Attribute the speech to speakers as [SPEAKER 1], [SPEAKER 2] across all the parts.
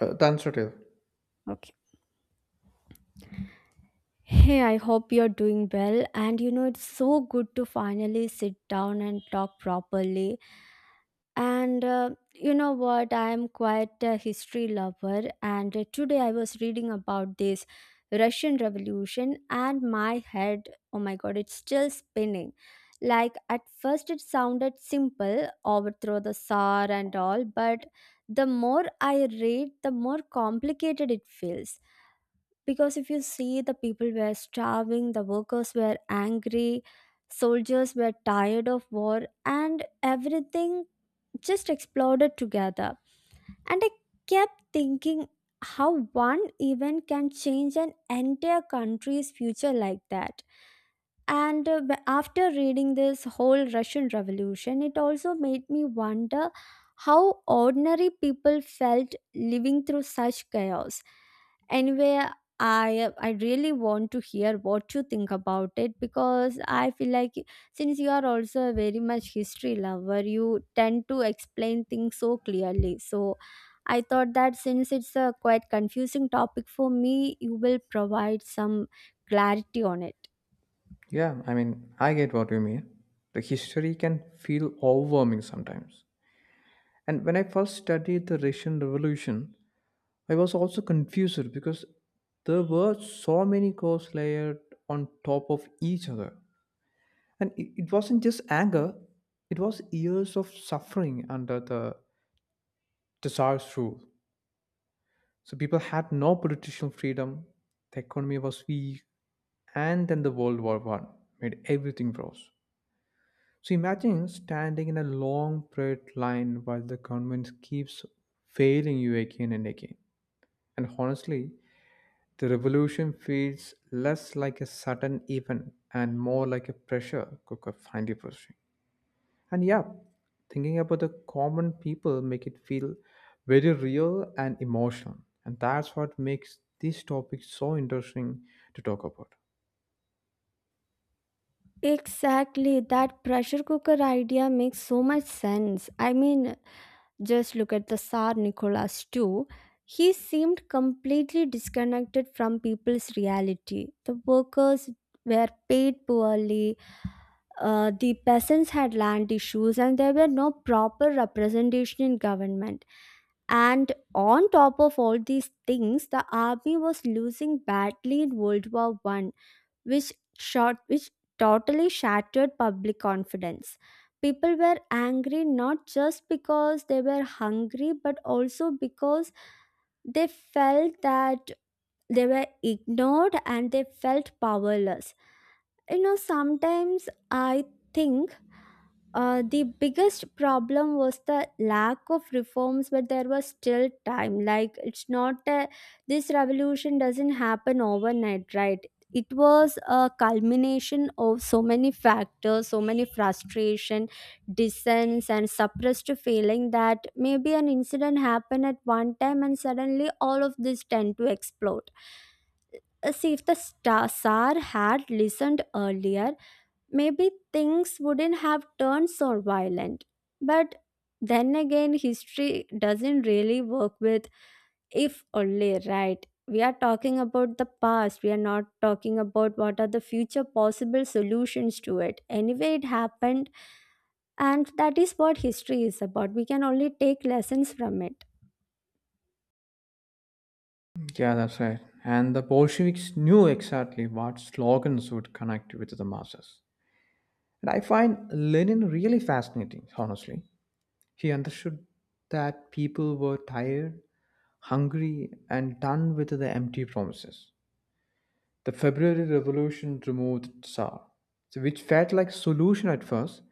[SPEAKER 1] Transitive.
[SPEAKER 2] Okay. Hey, I hope you're doing well. It's so good to finally sit down and talk properly. And you know what? I'm quite a history lover. And today I was reading about this Russian Revolution, and my head, oh my God, it's still spinning. Like, at first it sounded simple overthrow the Tsar and all, but the more I read, the more complicated it feels because if you see the people were starving, the workers were angry, soldiers were tired of war, and everything just exploded together. And I kept thinking how one event can change an entire country's future like that. And after reading this whole Russian Revolution, it also made me wonder how ordinary people felt living through such chaos. Anyway, I really want to hear what you think about it, because I feel like since you are also a very much history lover, you tend to explain things so clearly. So I thought that since it's a quite confusing topic for me, you will provide some clarity on it.
[SPEAKER 1] Yeah, I mean, I get what you mean. The history can feel overwhelming sometimes. And when I first studied the Russian Revolution, I was also confused because there were so many ghosts layered on top of each other. And it wasn't just anger, it was years of suffering under the Tsar's rule. So people had no political freedom, the economy was weak, and then the World War I made everything worse. So imagine standing in a long straight line while the government keeps failing you again and again. And honestly, the revolution feels less like a sudden event and more like a pressure cooker finally bursting. And yeah, thinking about the common people make it feel very real and emotional. And that's what makes this topic so interesting to talk about.
[SPEAKER 2] Exactly, that pressure cooker idea makes so much sense. I mean, just look at the Tsar Nicholas too. He seemed completely disconnected from people's reality. The workers were paid poorly, the peasants had land issues, and there were no proper representation in government. And on top of all these things, the army was losing badly in World War One, which totally shattered public confidence. People were angry not just because they were hungry, but also because they felt that they were ignored and they felt powerless. You know, sometimes I think the biggest problem was the lack of reforms, but there was still time. Like, it's not a, This revolution doesn't happen overnight, right? It was a culmination of so many factors, so many frustration, dissents, and suppressed feeling that maybe an incident happened at one time and suddenly all of this tend to explode. See, if the star- Tsar had listened earlier, maybe things wouldn't have turned so violent. But then again, history doesn't really work with if only, right? We are talking about the past. We are not talking about what are the future possible solutions to it. Anyway, it happened, and that is what history is about. We can only take lessons from it.
[SPEAKER 1] Yeah, that's right. And the Bolsheviks knew exactly what slogans would connect with the masses. And I find Lenin really fascinating, honestly. He understood that people were tired, hungry, and done with the empty promises. The February Revolution removed Tsar, so which felt like solution at first,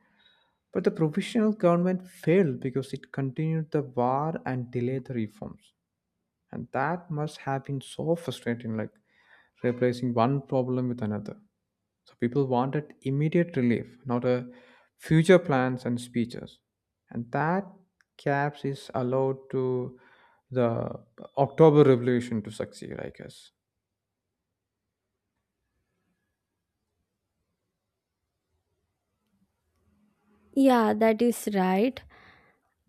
[SPEAKER 1] but the provisional government failed because it continued the war and delayed the reforms. And that must have been so frustrating, like replacing one problem with another. So people wanted immediate relief, not a future plans and speeches, and that caps is allowed to the October Revolution to succeed, I guess.
[SPEAKER 2] Yeah, that is right.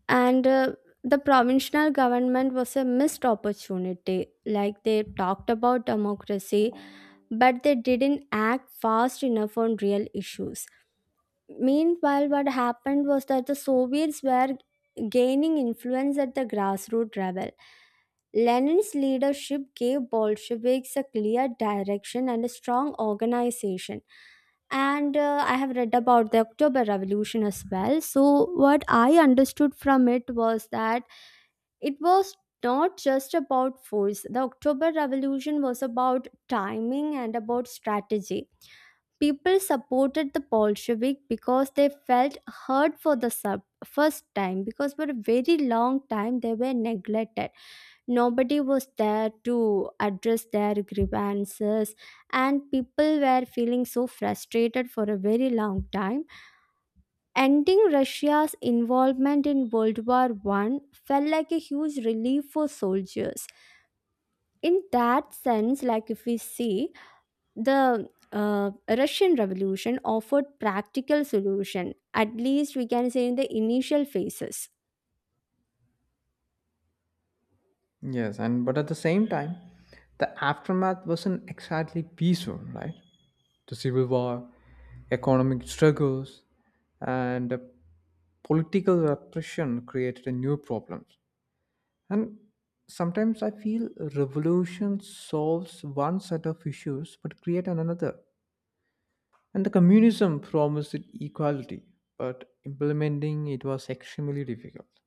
[SPEAKER 2] And the provincial government was a missed opportunity. Like they talked about democracy, but they didn't act fast enough on real issues. Meanwhile, what happened was that the Soviets were gaining influence at the grassroots level. Lenin's leadership gave Bolsheviks a clear direction and a strong organization. And I have read about the October Revolution as well. So, what I understood from it was that it was not just about force. The October Revolution was about timing and about strategy. People supported the Bolshevik because they felt heard for the sub first time, because for a very long time they were neglected. Nobody was there to address their grievances, and people were feeling so frustrated for a very long time. Ending Russia's involvement in World War One felt like a huge relief for soldiers. In that sense, like if we see, the Russian Revolution offered practical solution, at least we can say in the initial phases.
[SPEAKER 1] Yes, and but at the same time the aftermath wasn't exactly peaceful, right? The civil war, economic struggles, and political repression created a new problems. And sometimes I feel revolution solves one set of issues but create another. And the communism promised it equality, but implementing it was extremely difficult.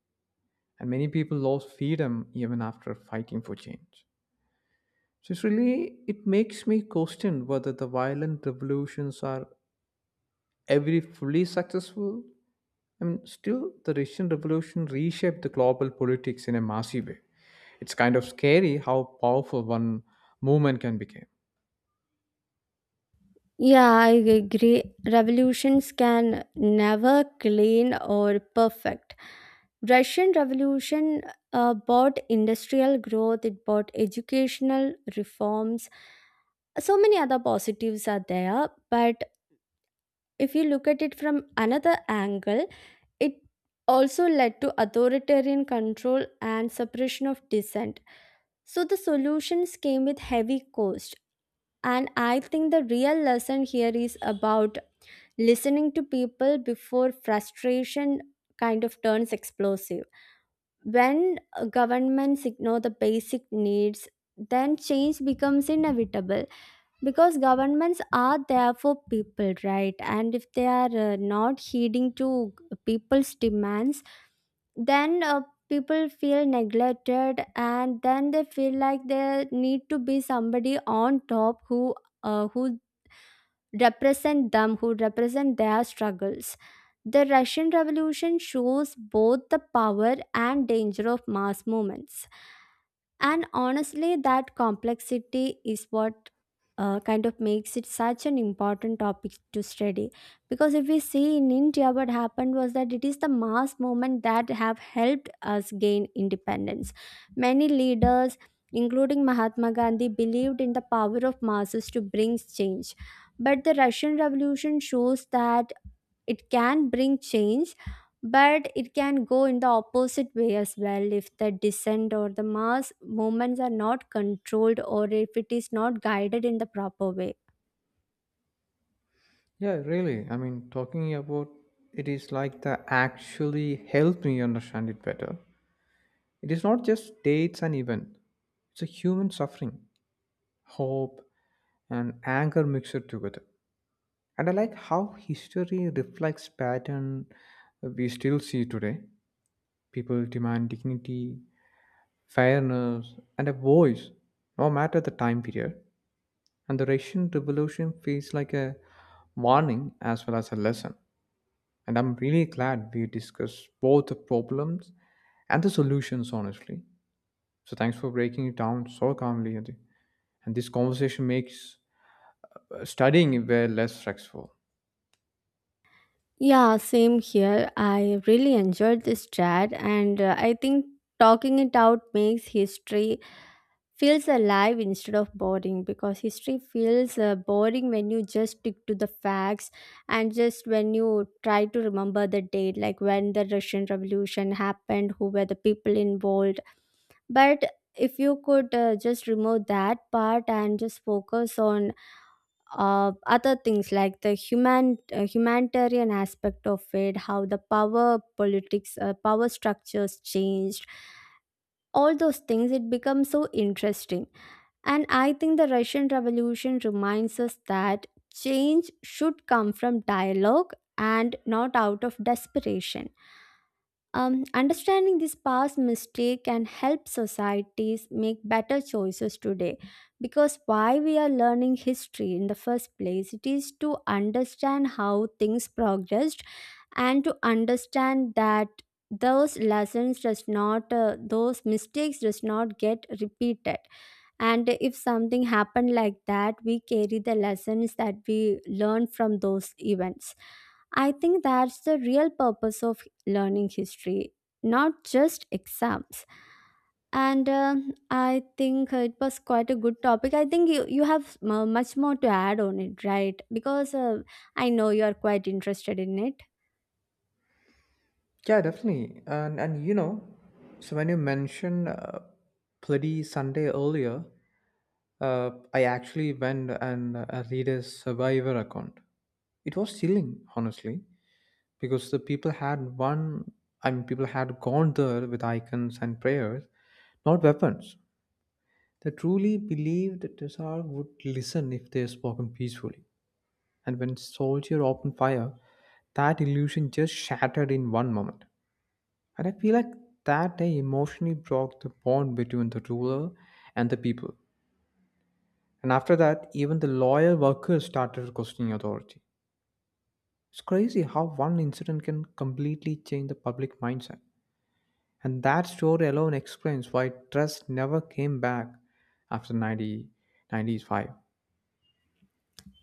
[SPEAKER 1] And many people lost freedom even after fighting for change. So it's really, it makes me question whether the violent revolutions are every fully successful. I mean, still the Russian Revolution reshaped the global politics in a massive way. It's kind of scary how powerful one movement can become.
[SPEAKER 2] Yeah, I agree, revolutions can never clean or perfect. Russian Revolution brought industrial growth, it brought educational reforms, so many other positives are there. But if you look at it from another angle, it also led to authoritarian control and suppression of dissent. So the solutions came with heavy cost. And I think the real lesson here is about listening to people before frustration kind of turns explosive. When governments ignore the basic needs, then change becomes inevitable, because governments are there for people, right? And if they are not heeding to people's demands, then people feel neglected, and then they feel like there need to be somebody on top who who represent them, who represent their struggles. The Russian Revolution shows both the power and danger of mass movements. And honestly, that complexity is what kind of makes it such an important topic to study. Because if we see in India, what happened was that it is the mass movement that have helped us gain independence. Many leaders, including Mahatma Gandhi, believed in the power of masses to bring change. But the Russian Revolution shows that it can bring change, but it can go in the opposite way as well if the descent or the mass movements are not controlled, or if it is not guided in the proper way.
[SPEAKER 1] Yeah, really, I mean, talking about it is like that actually helped me understand it better. It is not just dates and event, it's a human suffering, hope, and anger mixed together. And I like how history reflects pattern we still see today. People demand dignity, fairness, and a voice, no matter the time period. And the Russian Revolution feels like a warning as well as a lesson. And I'm really glad we discussed both the problems and the solutions, honestly. So thanks for breaking it down so calmly, Adi. And this conversation makes studying way less stressful.
[SPEAKER 2] Yeah, same here. I really enjoyed this chat, and I think talking it out makes history feels alive instead of boring, because history feels boring when you just stick to the facts and just when you try to remember the date, like when the Russian Revolution happened, who were the people involved. But if you could just remove that part and just focus on other things, like the human humanitarian aspect of it, how the power politics power structures changed, all those things, it becomes so interesting. And I think the Russian Revolution reminds us that change should come from dialogue and not out of desperation. Understanding this past mistake can help societies make better choices today. Because why we are learning history in the first place, it is to understand how things progressed and to understand that those lessons does not, those mistakes does not get repeated, and if something happened like that, we carry the lessons that we learn from those events. I think that's the real purpose of learning history, not just exams. And I think it was quite a good topic. I think you have much more to add on it, right? Because I know you are quite interested in it.
[SPEAKER 1] Yeah, definitely. And so when you mentioned Bloody Sunday earlier, I actually went and read a survivor account. It was chilling, honestly, because the people had one. I mean, people had gone there with icons and prayers, not weapons. They truly believed that the Tsar would listen if they spoken peacefully. And when soldier opened fire, that illusion just shattered in one moment. And I feel like that day emotionally broke the bond between the ruler and the people. And after that, even the loyal workers started questioning authority. It's crazy how one incident can completely change the public mindset. And that story alone explains why trust never came back after 90, 95.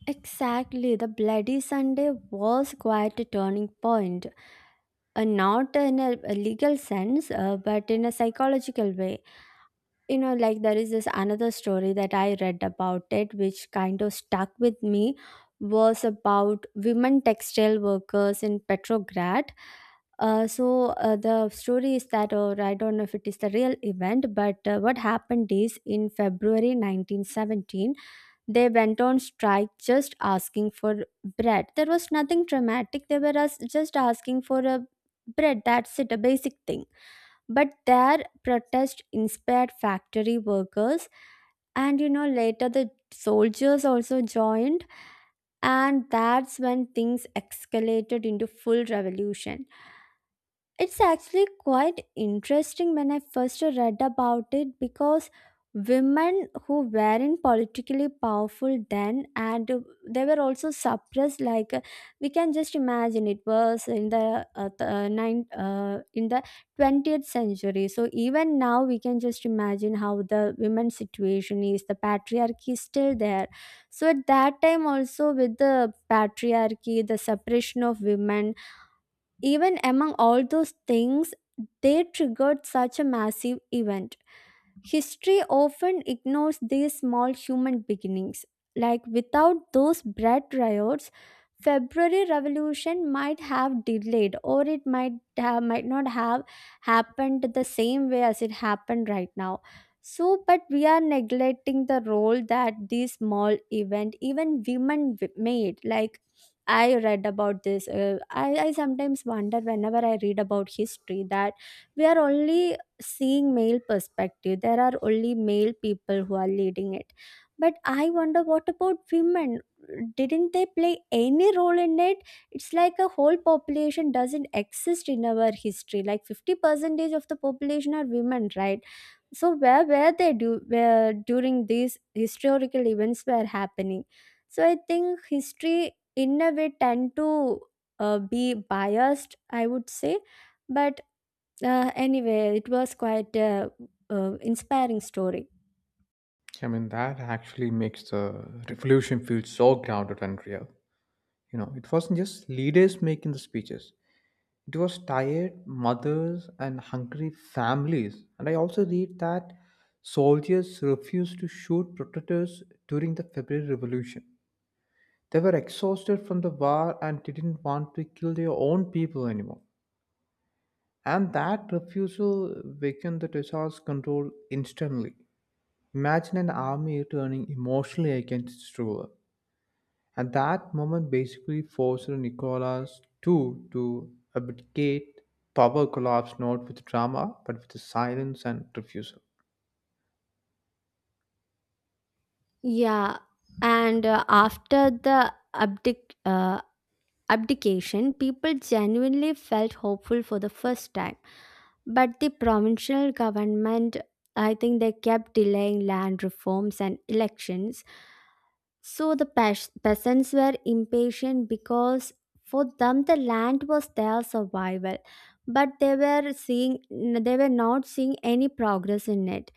[SPEAKER 2] Exactly, the Bloody Sunday was quite a turning point. Not in a legal sense, but in a psychological way. You know, like there is this another story that I read about it, which kind of stuck with me, was about women textile workers in Petrograd. Uh, so the story is that, or I don't know if it is the real event, but what happened is in February 1917, they went on strike just asking for bread. There was nothing dramatic. They were just asking for a bread. That's it, a basic thing. But their protest inspired factory workers, and you know later the soldiers also joined, and that's when things escalated into full revolution. It's actually quite interesting when I first read about it, because women who weren't politically powerful then, and they were also suppressed. Like we can just imagine, it was in the in the 20th century, so even now we can just imagine how the women's situation is, the patriarchy is still there. So at that time also, with the patriarchy, the suppression of women, even among all those things, they triggered such a massive event. History often ignores these small human beginnings. Like without those bread riots, February Revolution might have delayed, or it might have, might not have happened the same way as it happened right now. So, but we are neglecting the role that these small event, even made. Like I read about this. I sometimes wonder whenever I read about history that we are only seeing male perspective, there are only male people who are leading it. But I wonder, what about women? Didn't they play any role in it? It's like a whole population doesn't exist in our history. Like 50 percentage of the population are women, right? So where were they, do where during these historical events were happening? So I think history in a way tend to be biased, I would say. But anyway, it was quite a, inspiring story.
[SPEAKER 1] I mean, that actually makes the revolution feel so grounded and real. You know, it wasn't just leaders making the speeches, it was tired mothers and hungry families. And I also read that soldiers refused to shoot protesters during the February Revolution. They were exhausted from the war and didn't want to kill their own people anymore. And that refusal weakened the Tsar's control instantly. Imagine an army turning emotionally against its ruler. And that moment basically forced Nicholas II to abdicate. Power collapsed not with drama, but with silence and refusal.
[SPEAKER 2] Yeah, and after the abdication, people genuinely felt hopeful for the first time. But the provincial government, I think they kept delaying land reforms and elections. So the peasants were impatient, because for them the land was their survival, but they were not seeing any progress in it.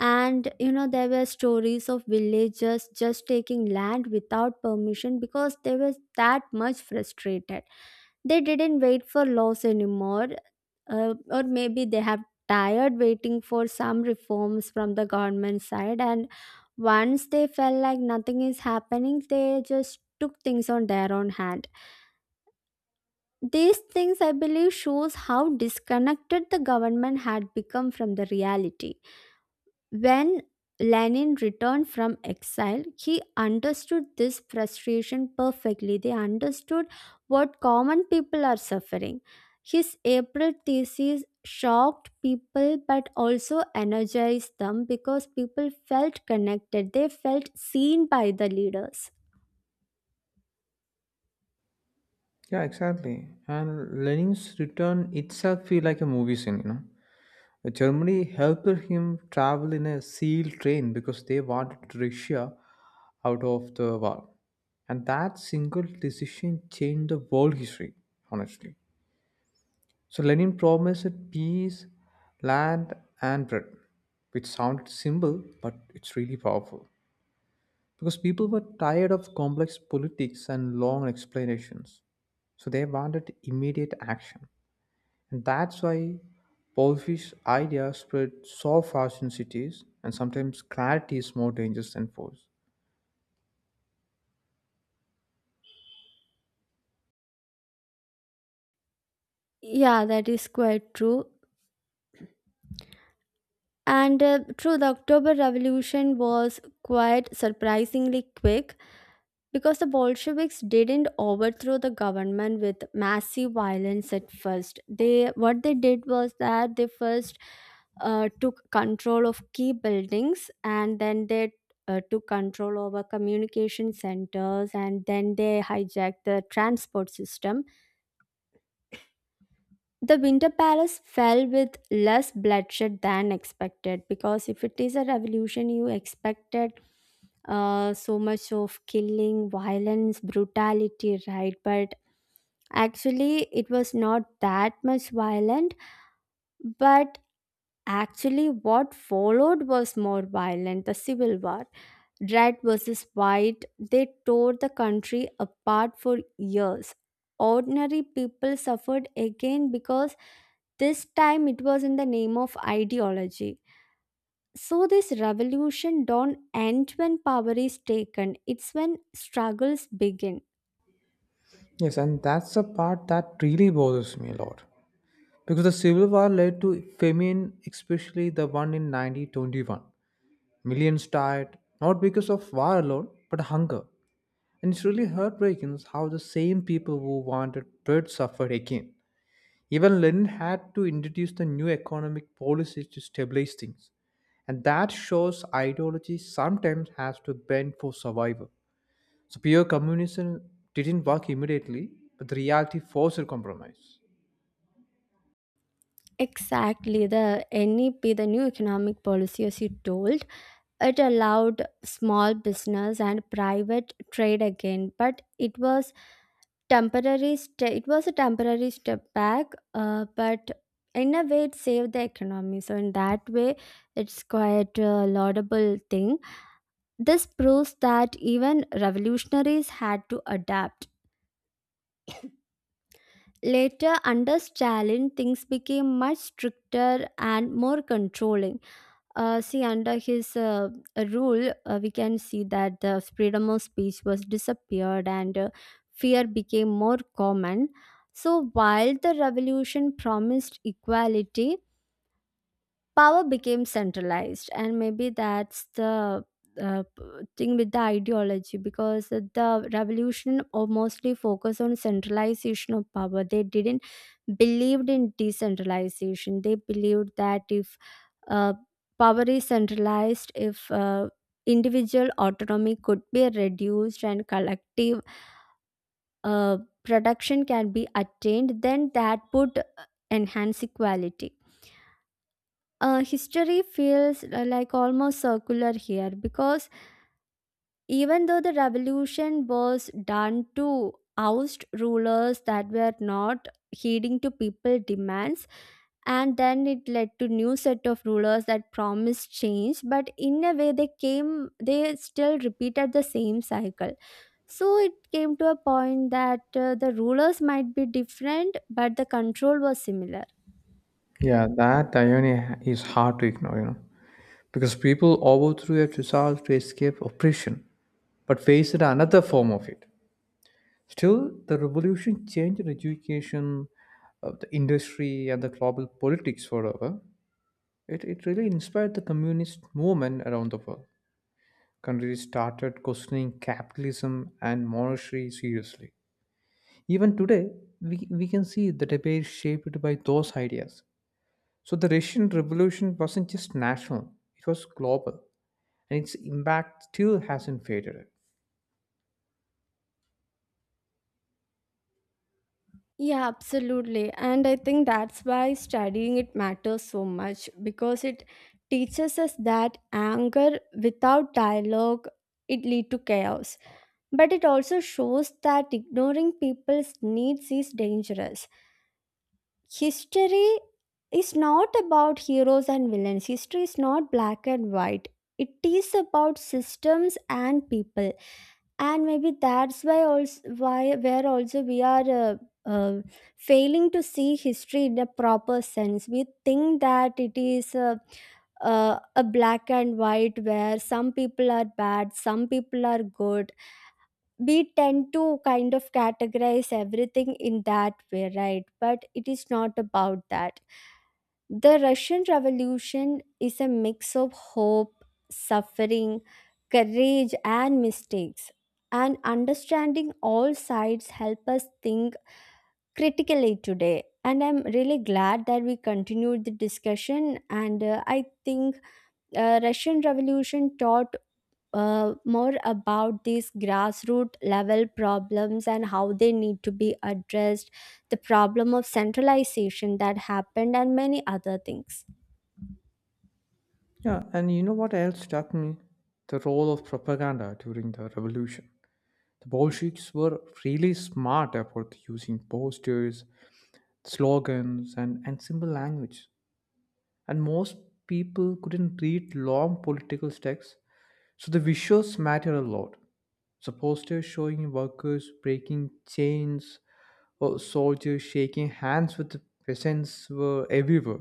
[SPEAKER 2] And you know there were stories of villagers just taking land without permission because they were that much frustrated. They didn't wait for laws anymore, or maybe they have tired waiting for some reforms from the government side. And once they felt like nothing is happening, they just took things on their own hand. These things, I believe, shows how disconnected the government had become from the reality. When Lenin returned from exile, he understood this frustration perfectly. They understood what common people are suffering. His April thesis shocked people but also energized them because people felt connected, they felt seen by the leaders.
[SPEAKER 1] Yeah, exactly. And Lenin's return itself feel like a movie scene. Germany helped him travel in a sealed train because they wanted Russia out of the war. And that single decision changed the world history, honestly. So Lenin promised peace, land, and bread, which sounded simple, but it's really powerful because people were tired of complex politics and long explanations. So they wanted immediate action. And that's why Paulfish idea spread so fast in cities, and sometimes clarity is more dangerous than force.
[SPEAKER 2] Yeah, that is quite true. And the October Revolution was quite surprisingly quick. Because the Bolsheviks didn't overthrow the government with massive violence at first. They what they did was that they first took control of key buildings, and then they took control over communication centers, and then they hijacked the transport system. The Winter Palace fell with less bloodshed than expected, because if it is a revolution, you expected so much of killing, violence, brutality, right? But actually, it was not that much violent, but actually, what followed was more violent, the civil war. Red versus white, they tore the country apart for years. Ordinary people suffered again because this time it was in the name of ideology. So, this revolution don't end when power is taken, it's when struggles begin.
[SPEAKER 1] Yes, and that's the part that really bothers me a lot. Because the Civil War led to famine, especially the one in 1921. Millions died not because of war alone, but hunger. And it's really heartbreaking how the same people who wanted bread suffered again. Even Lenin had to introduce the new economic policies to stabilize things. And that shows ideology sometimes has to bend for survival. So pure communism didn't work immediately, but the reality forced a compromise.
[SPEAKER 2] Exactly, the NEP, the new economic policy, as you told. It allowed small business and private trade again, but it was temporary. It was a temporary step back, but in a way, it saved the economy. So in that way, it's quite a laudable thing. This proves that even revolutionaries had to adapt. Later, under Stalin, things became much stricter and more controlling. See, under his rule, we can see that the freedom of speech was disappeared, and fear became more common. So, while the revolution promised equality, power became centralized, and maybe that's the thing with the ideology, because the revolution mostly focused on centralization of power. They didn't believed in decentralization. They believed that if uh, power is centralized, if individual autonomy could be reduced and collective uh, production can be attained, then that would enhance equality. History feels like almost circular here, because even though the revolution was done to oust rulers that were not heeding to people demands, and then it led to new set of rulers that promised change, but in a way they came, they still repeated the same cycle. So it came to a point that the rulers might be different but the control was similar.
[SPEAKER 1] Yeah, that irony is hard to ignore, because people overthrew a resolve to escape oppression, but faced another form of it. Still, the revolution changed education, the industry, and the global politics forever. It really inspired the communist movement around the world. Countries started questioning capitalism and monarchy seriously. Even today, we can see the debate shaped by those ideas. So the Russian Revolution wasn't just national, it was global, and its impact still hasn't faded.
[SPEAKER 2] Yeah, absolutely. And I think that's why studying it matters so much, because it teaches us that anger without dialogue, it lead to chaos. But it also shows that ignoring people's needs is dangerous. History is not about heroes and villains. History is not black and white. It is about systems and people, and maybe that's why also, why where also we are uh, failing to see history in a proper sense. We think that it is a black and white where some people are bad, some people are good. We tend to kind of categorize everything in that way, right? But it is not about that. The Russian Revolution is a mix of hope, suffering, courage, and mistakes. And understanding all sides help us think critically today. And I'm really glad that we continued the discussion. And I think Russian Revolution taught more about these grassroots level problems and how they need to be addressed, the problem of centralization that happened, and many other things.
[SPEAKER 1] Yeah, and you know what else struck me? The role of propaganda during the revolution. The Bolsheviks were really smart about using posters, slogans, and simple language. And most people couldn't read long political texts, so the visuals matter a lot. So posters showing workers breaking chains or soldiers shaking hands with the peasants were everywhere.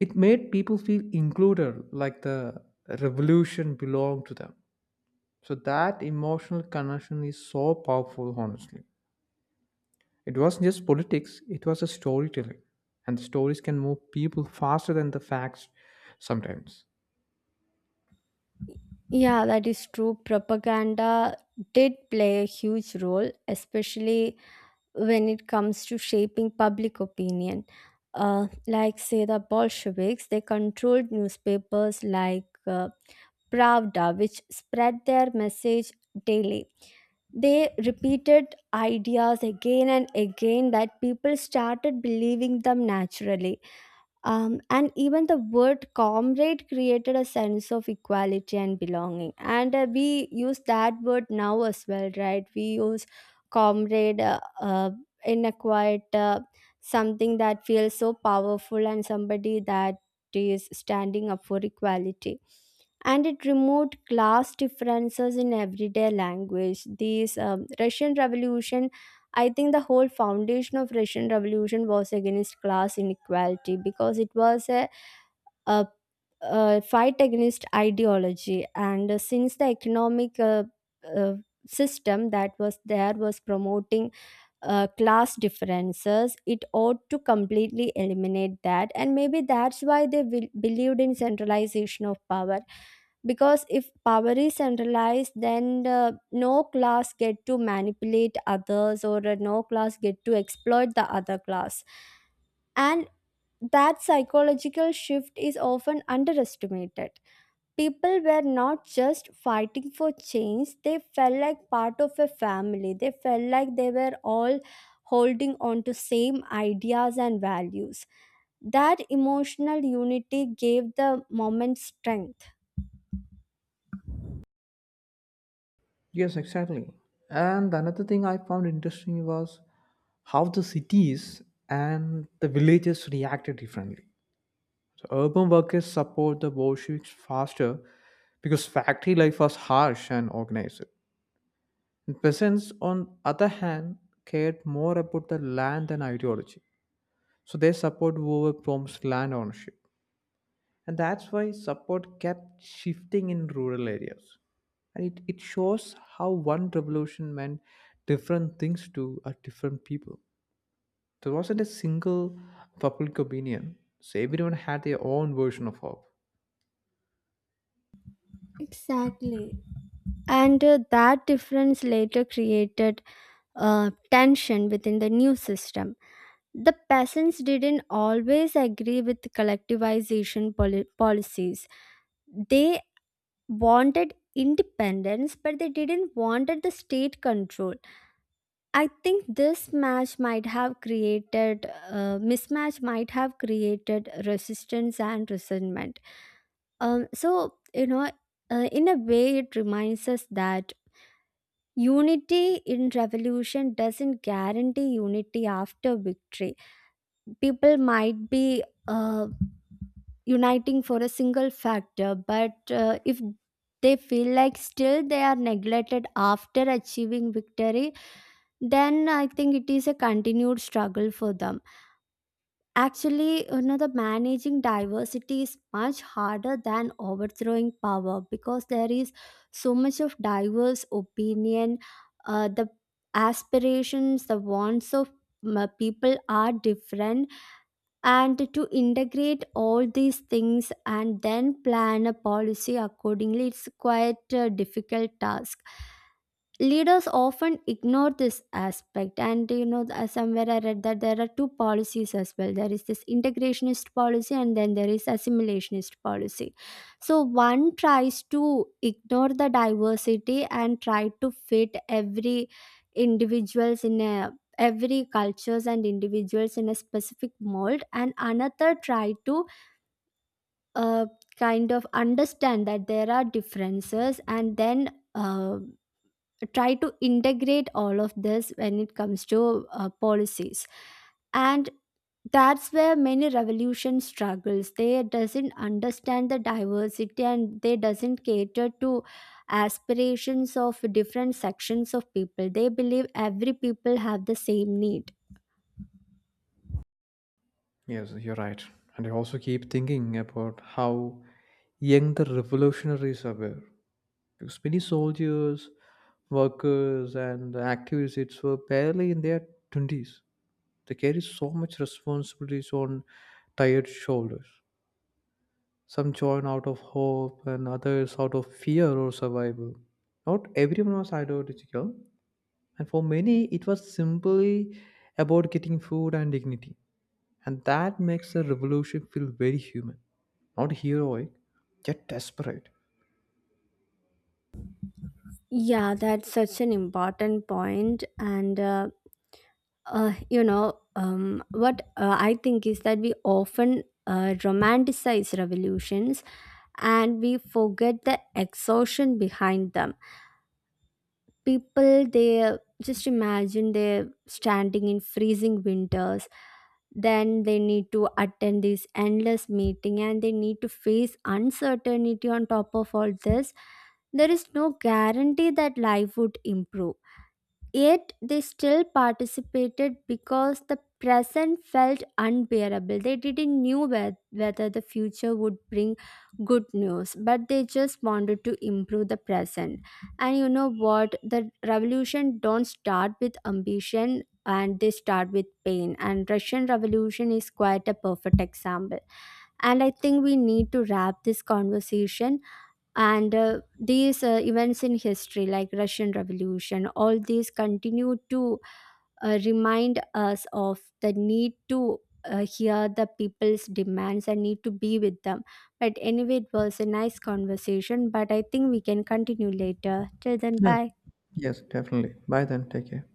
[SPEAKER 1] It made people feel included, like the revolution belonged to them. So that emotional connection is so powerful, honestly. It wasn't just politics, it was a storytelling. And the stories can move people faster than the facts sometimes.
[SPEAKER 2] Yeah, that is true. Propaganda did play a huge role, especially when it comes to shaping public opinion. Like, say, the Bolsheviks, they controlled newspapers like. Pravda, which spread their message daily. They repeated ideas again and again that people started believing them naturally. And even the word comrade created a sense of equality and belonging. And we use that word now as well, right? We use comrade in a quite something that feels so powerful and somebody that is standing up for equality. And it removed class differences in everyday language. These Russian Revolution, I think the whole foundation of Russian Revolution was against class inequality, because it was a, a fight against ideology, and since the economic uh, system that was there was promoting class differences, it ought to completely eliminate that, and maybe that's why they will, believed in centralization of power, because if power is centralized, then the, no class get to manipulate others, or no class get to exploit the other class. And that psychological shift is often underestimated. People were not just fighting for change, they felt like part of a family, they felt like they were all holding on to same ideas and values. That emotional unity gave the moment strength.
[SPEAKER 1] Yes, exactly. And another thing I found interesting was how the cities and the villages reacted differently. So urban workers support the Bolsheviks faster because factory life was harsh and organized. And peasants, on other hand, cared more about the land and ideology. So they support whoever promised land ownership. And that's why support kept shifting in rural areas. And it shows how one revolution meant different things to a different people. There wasn't a single public opinion. So everyone had their own version of hope.
[SPEAKER 2] Exactly. And that difference later created tension within the new system. The peasants didn't always agree with policies. They wanted independence, but they didn't wanted the state control. I think this match might have created mismatch might have created resistance and resentment. So you know, in a way, it reminds us that unity in revolution doesn't guarantee unity after victory. People might be uh, uniting for a single factor, but if they feel like still they are neglected after achieving victory, then I think it is a continued struggle for them. Actually, you know, the managing diversity is much harder than overthrowing power, because there is so much of diverse opinion, the aspirations, the wants of people are different, and to integrate all these things and then plan a policy accordingly, it's quite a difficult task. Leaders often ignore this aspect, and you know, somewhere I read that there are two policies as well. There is this integrationist policy, and then there is assimilationist policy. So one tries to ignore the diversity and try to fit every individuals in a, every cultures and individuals in a specific mold, and another try to uh, kind of understand that there are differences, and then uh, try to integrate all of this when it comes to policies. And that's where many revolution struggles, they doesn't understand the diversity, and they doesn't cater to aspirations of different sections of people. They believe every people have the same need.
[SPEAKER 1] Yes, you're right. And I also keep thinking about how young the revolutionaries were. Because many soldiers, workers, and activists were barely in their 20s. They carry so much responsibilities on tired shoulders. Some join out of hope and others out of fear or survival. Not everyone was ideological, and for many, it was simply about getting food and dignity. And that makes the revolution feel very human, not heroic, yet desperate.
[SPEAKER 2] Yeah, that's such an important point. And You know, what I think is that we often romanticize revolutions and we forget the exhaustion behind them. People, they just imagine they're standing in freezing winters, then they need to attend this endless meeting and they need to face uncertainty on top of all this. There is no guarantee that life would improve. Yet they still participated because the present felt unbearable. They didn't knew whether the future would bring good news, but they just wanted to improve the present. And you know what? The revolution don't start with ambition, and they start with pain, and Russian Revolution is quite a perfect example. And I think we need to wrap this conversation. And these events in history like Russian Revolution, all these continue to remind us of the need to hear the people's demands and need to be with them. But anyway, it was a nice conversation, but I think we can continue later. Till then,
[SPEAKER 1] Yeah,
[SPEAKER 2] bye.
[SPEAKER 1] yes, definitely. Bye then, take care.